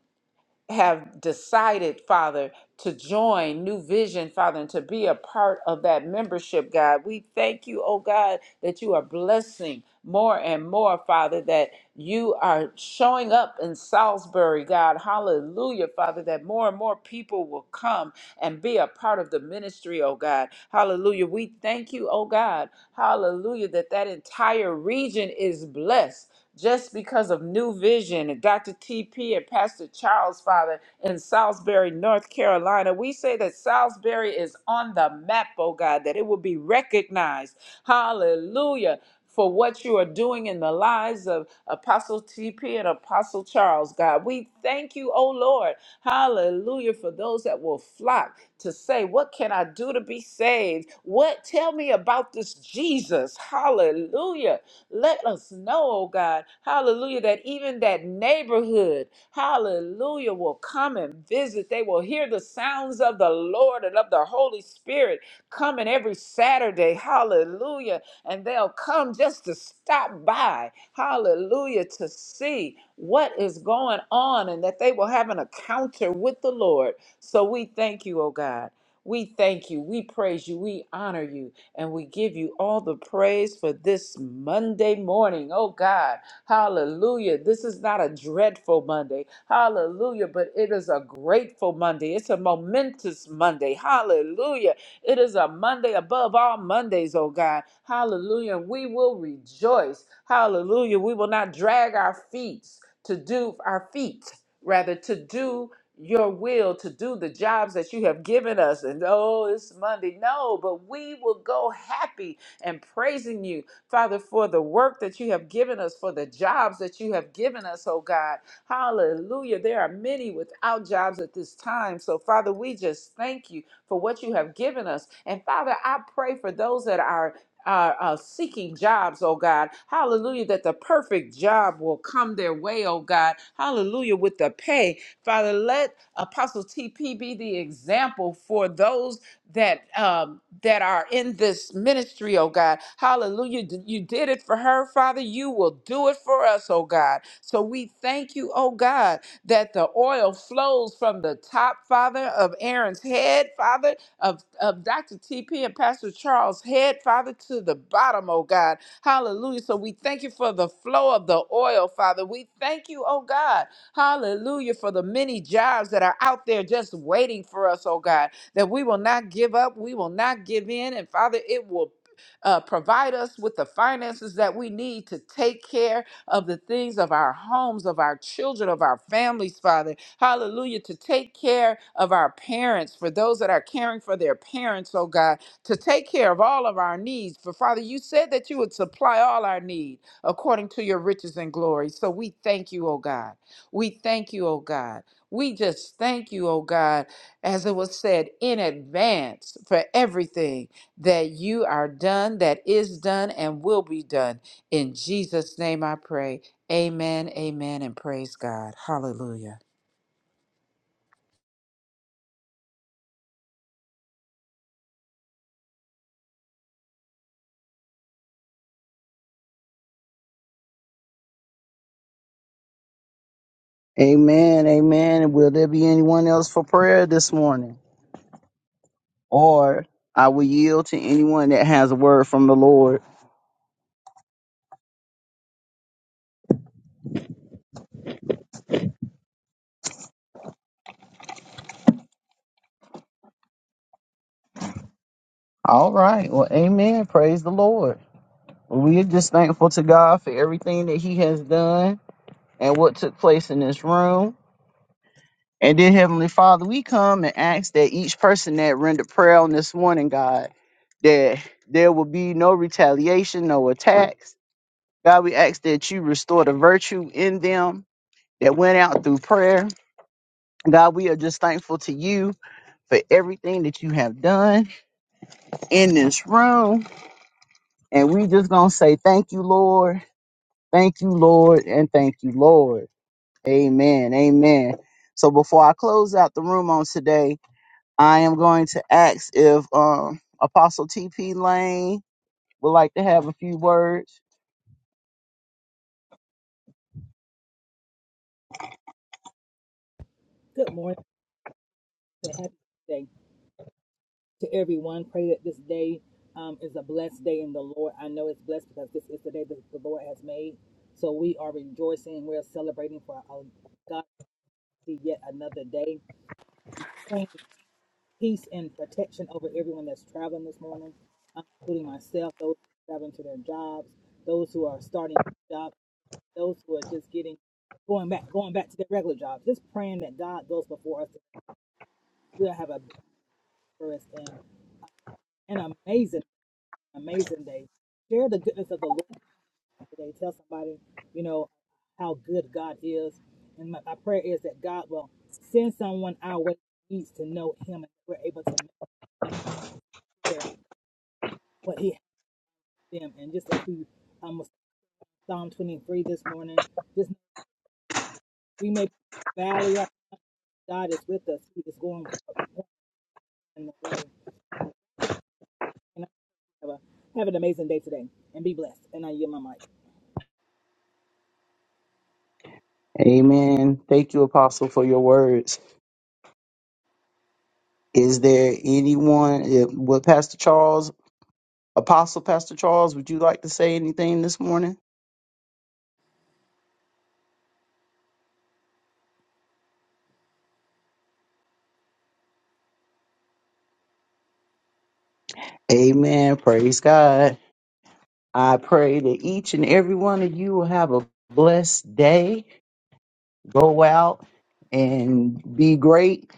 have decided, Father, to join New Vision, Father, and to be a part of that membership, God. We thank you, oh God, that you are blessing more and more, Father, that you are showing up in Salisbury, God. Hallelujah, Father, that more and more people will come and be a part of the ministry, oh God. Hallelujah. We thank you, oh God. Hallelujah, that that entire region is blessed just because of New Vision and Dr. TP and Pastor Charles, Father, in Salisbury, North Carolina. We say that Salisbury is on the map, oh God, that it will be recognized. Hallelujah. For what you are doing in the lives of Apostle TP and Apostle Charles, God. We thank you, oh Lord. Hallelujah. For those that will flock to say, What can I do to be saved? What? Tell me about this Jesus. Hallelujah. Let us know, oh God, hallelujah, that even that neighborhood, hallelujah, will come and visit. They will hear the sounds of the Lord and of the Holy Spirit coming every Saturday, hallelujah. And they'll come just to stop by, hallelujah, to see what is going on and that they will have an encounter with the Lord. So we thank you, oh God. We thank you. We praise you. We honor you. And we give you all the praise for this Monday morning. Oh God, hallelujah. This is not a dreadful Monday, hallelujah, but it is a grateful Monday. It's a momentous Monday, hallelujah. It is a Monday above all Mondays, oh God, hallelujah. And we will rejoice, hallelujah. We will not drag our feet to do our feet rather to do your will to do the jobs that you have given us. And oh, it's Monday. No, but we will go happy and praising you, Father, for the work that you have given us, for the jobs that you have given us, oh God. Hallelujah. There are many without jobs at this time. So, Father, we just thank you for what you have given us. And, Father, I pray for those that are are uh, seeking jobs, oh God. Hallelujah, that the perfect job will come their way, oh God. Hallelujah, with the pay. Father, let Apostle TP be the example for those that um, that are in this ministry, oh God. Hallelujah. D- You did it for her, Father. You will do it for us, oh God. So we thank you, oh God, that the oil flows from the top, Father, of Aaron's head, Father, of, of Dr. TP and Pastor Charles' head, Father, to the bottom, oh God. Hallelujah. So we thank you for the flow of the oil, Father. We thank you, oh God Hallelujah for the many jobs that are out there just waiting for us, oh God, that we will not give up, we will not give in. And Father, it will uh, provide us with the finances that we need to take care of the things of our homes, of our children, of our families, Father. Hallelujah. To take care of our parents, for those that are caring for their parents, oh God, to take care of all of our needs. For Father, you said that you would supply all our need according to your riches and glory. So we thank you, oh God. We thank you, oh God. We just thank you, oh God, as it was said in advance for everything that you are done, that is done, and will be done. In Jesus' name I pray. Amen, amen, and praise God. Hallelujah. Amen. Amen. And will there be anyone else for prayer this morning? Or I will yield to anyone that has a word from the Lord. All right. Well, amen. Praise the Lord. We are just thankful to God for everything that He has done and what took place in this room. And then, Heavenly Father, we come and ask that each person that rendered prayer on this morning, God, that there will be no retaliation, no attacks. God, we ask that you restore the virtue in them that went out through prayer. God, we are just thankful to you for everything that you have done in this room. And we just gonna say thank you, Lord. Thank you, Lord, and thank you, Lord. Amen. Amen. So before I close out the room on today, I am going to ask if um, Apostle TP Lane would like to have a few words. Good morning. and Happy day to everyone. Pray that this day um, is a blessed day in the Lord. I know it's blessed because this is the day that the Lord has made. So we are rejoicing. We're celebrating for our God to see yet another day. Praying peace and protection over everyone that's traveling this morning, um, including myself, those who are traveling to their jobs, those who are starting jobs, those who are just getting going back going back to their regular jobs. Just praying that God goes before us. We'll have a blessed and an amazing. amazing day. Share the goodness of the Lord today. Tell somebody, you know, how good God is. And my, my prayer is that God will send someone our way who needs to know Him, and we're able to share what He has for them. And just as we um Psalm 23 this morning, just we may be in the valley right. God is with us. He is going in the way. And have a have an amazing day today, and be blessed. And I yield my mic. Amen. Thank you, Apostle, for your words. Is there anyone, if, would Pastor Charles, Apostle Pastor Charles, would you like to say anything this morning? Amen. Praise God. I pray that each and every one of you will have a blessed day. Go out and be great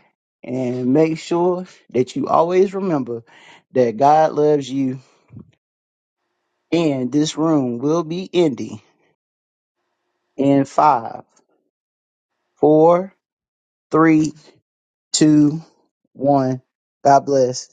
and make sure that you always remember that God loves you And this room will be ending in five, four, three, two, one. God bless.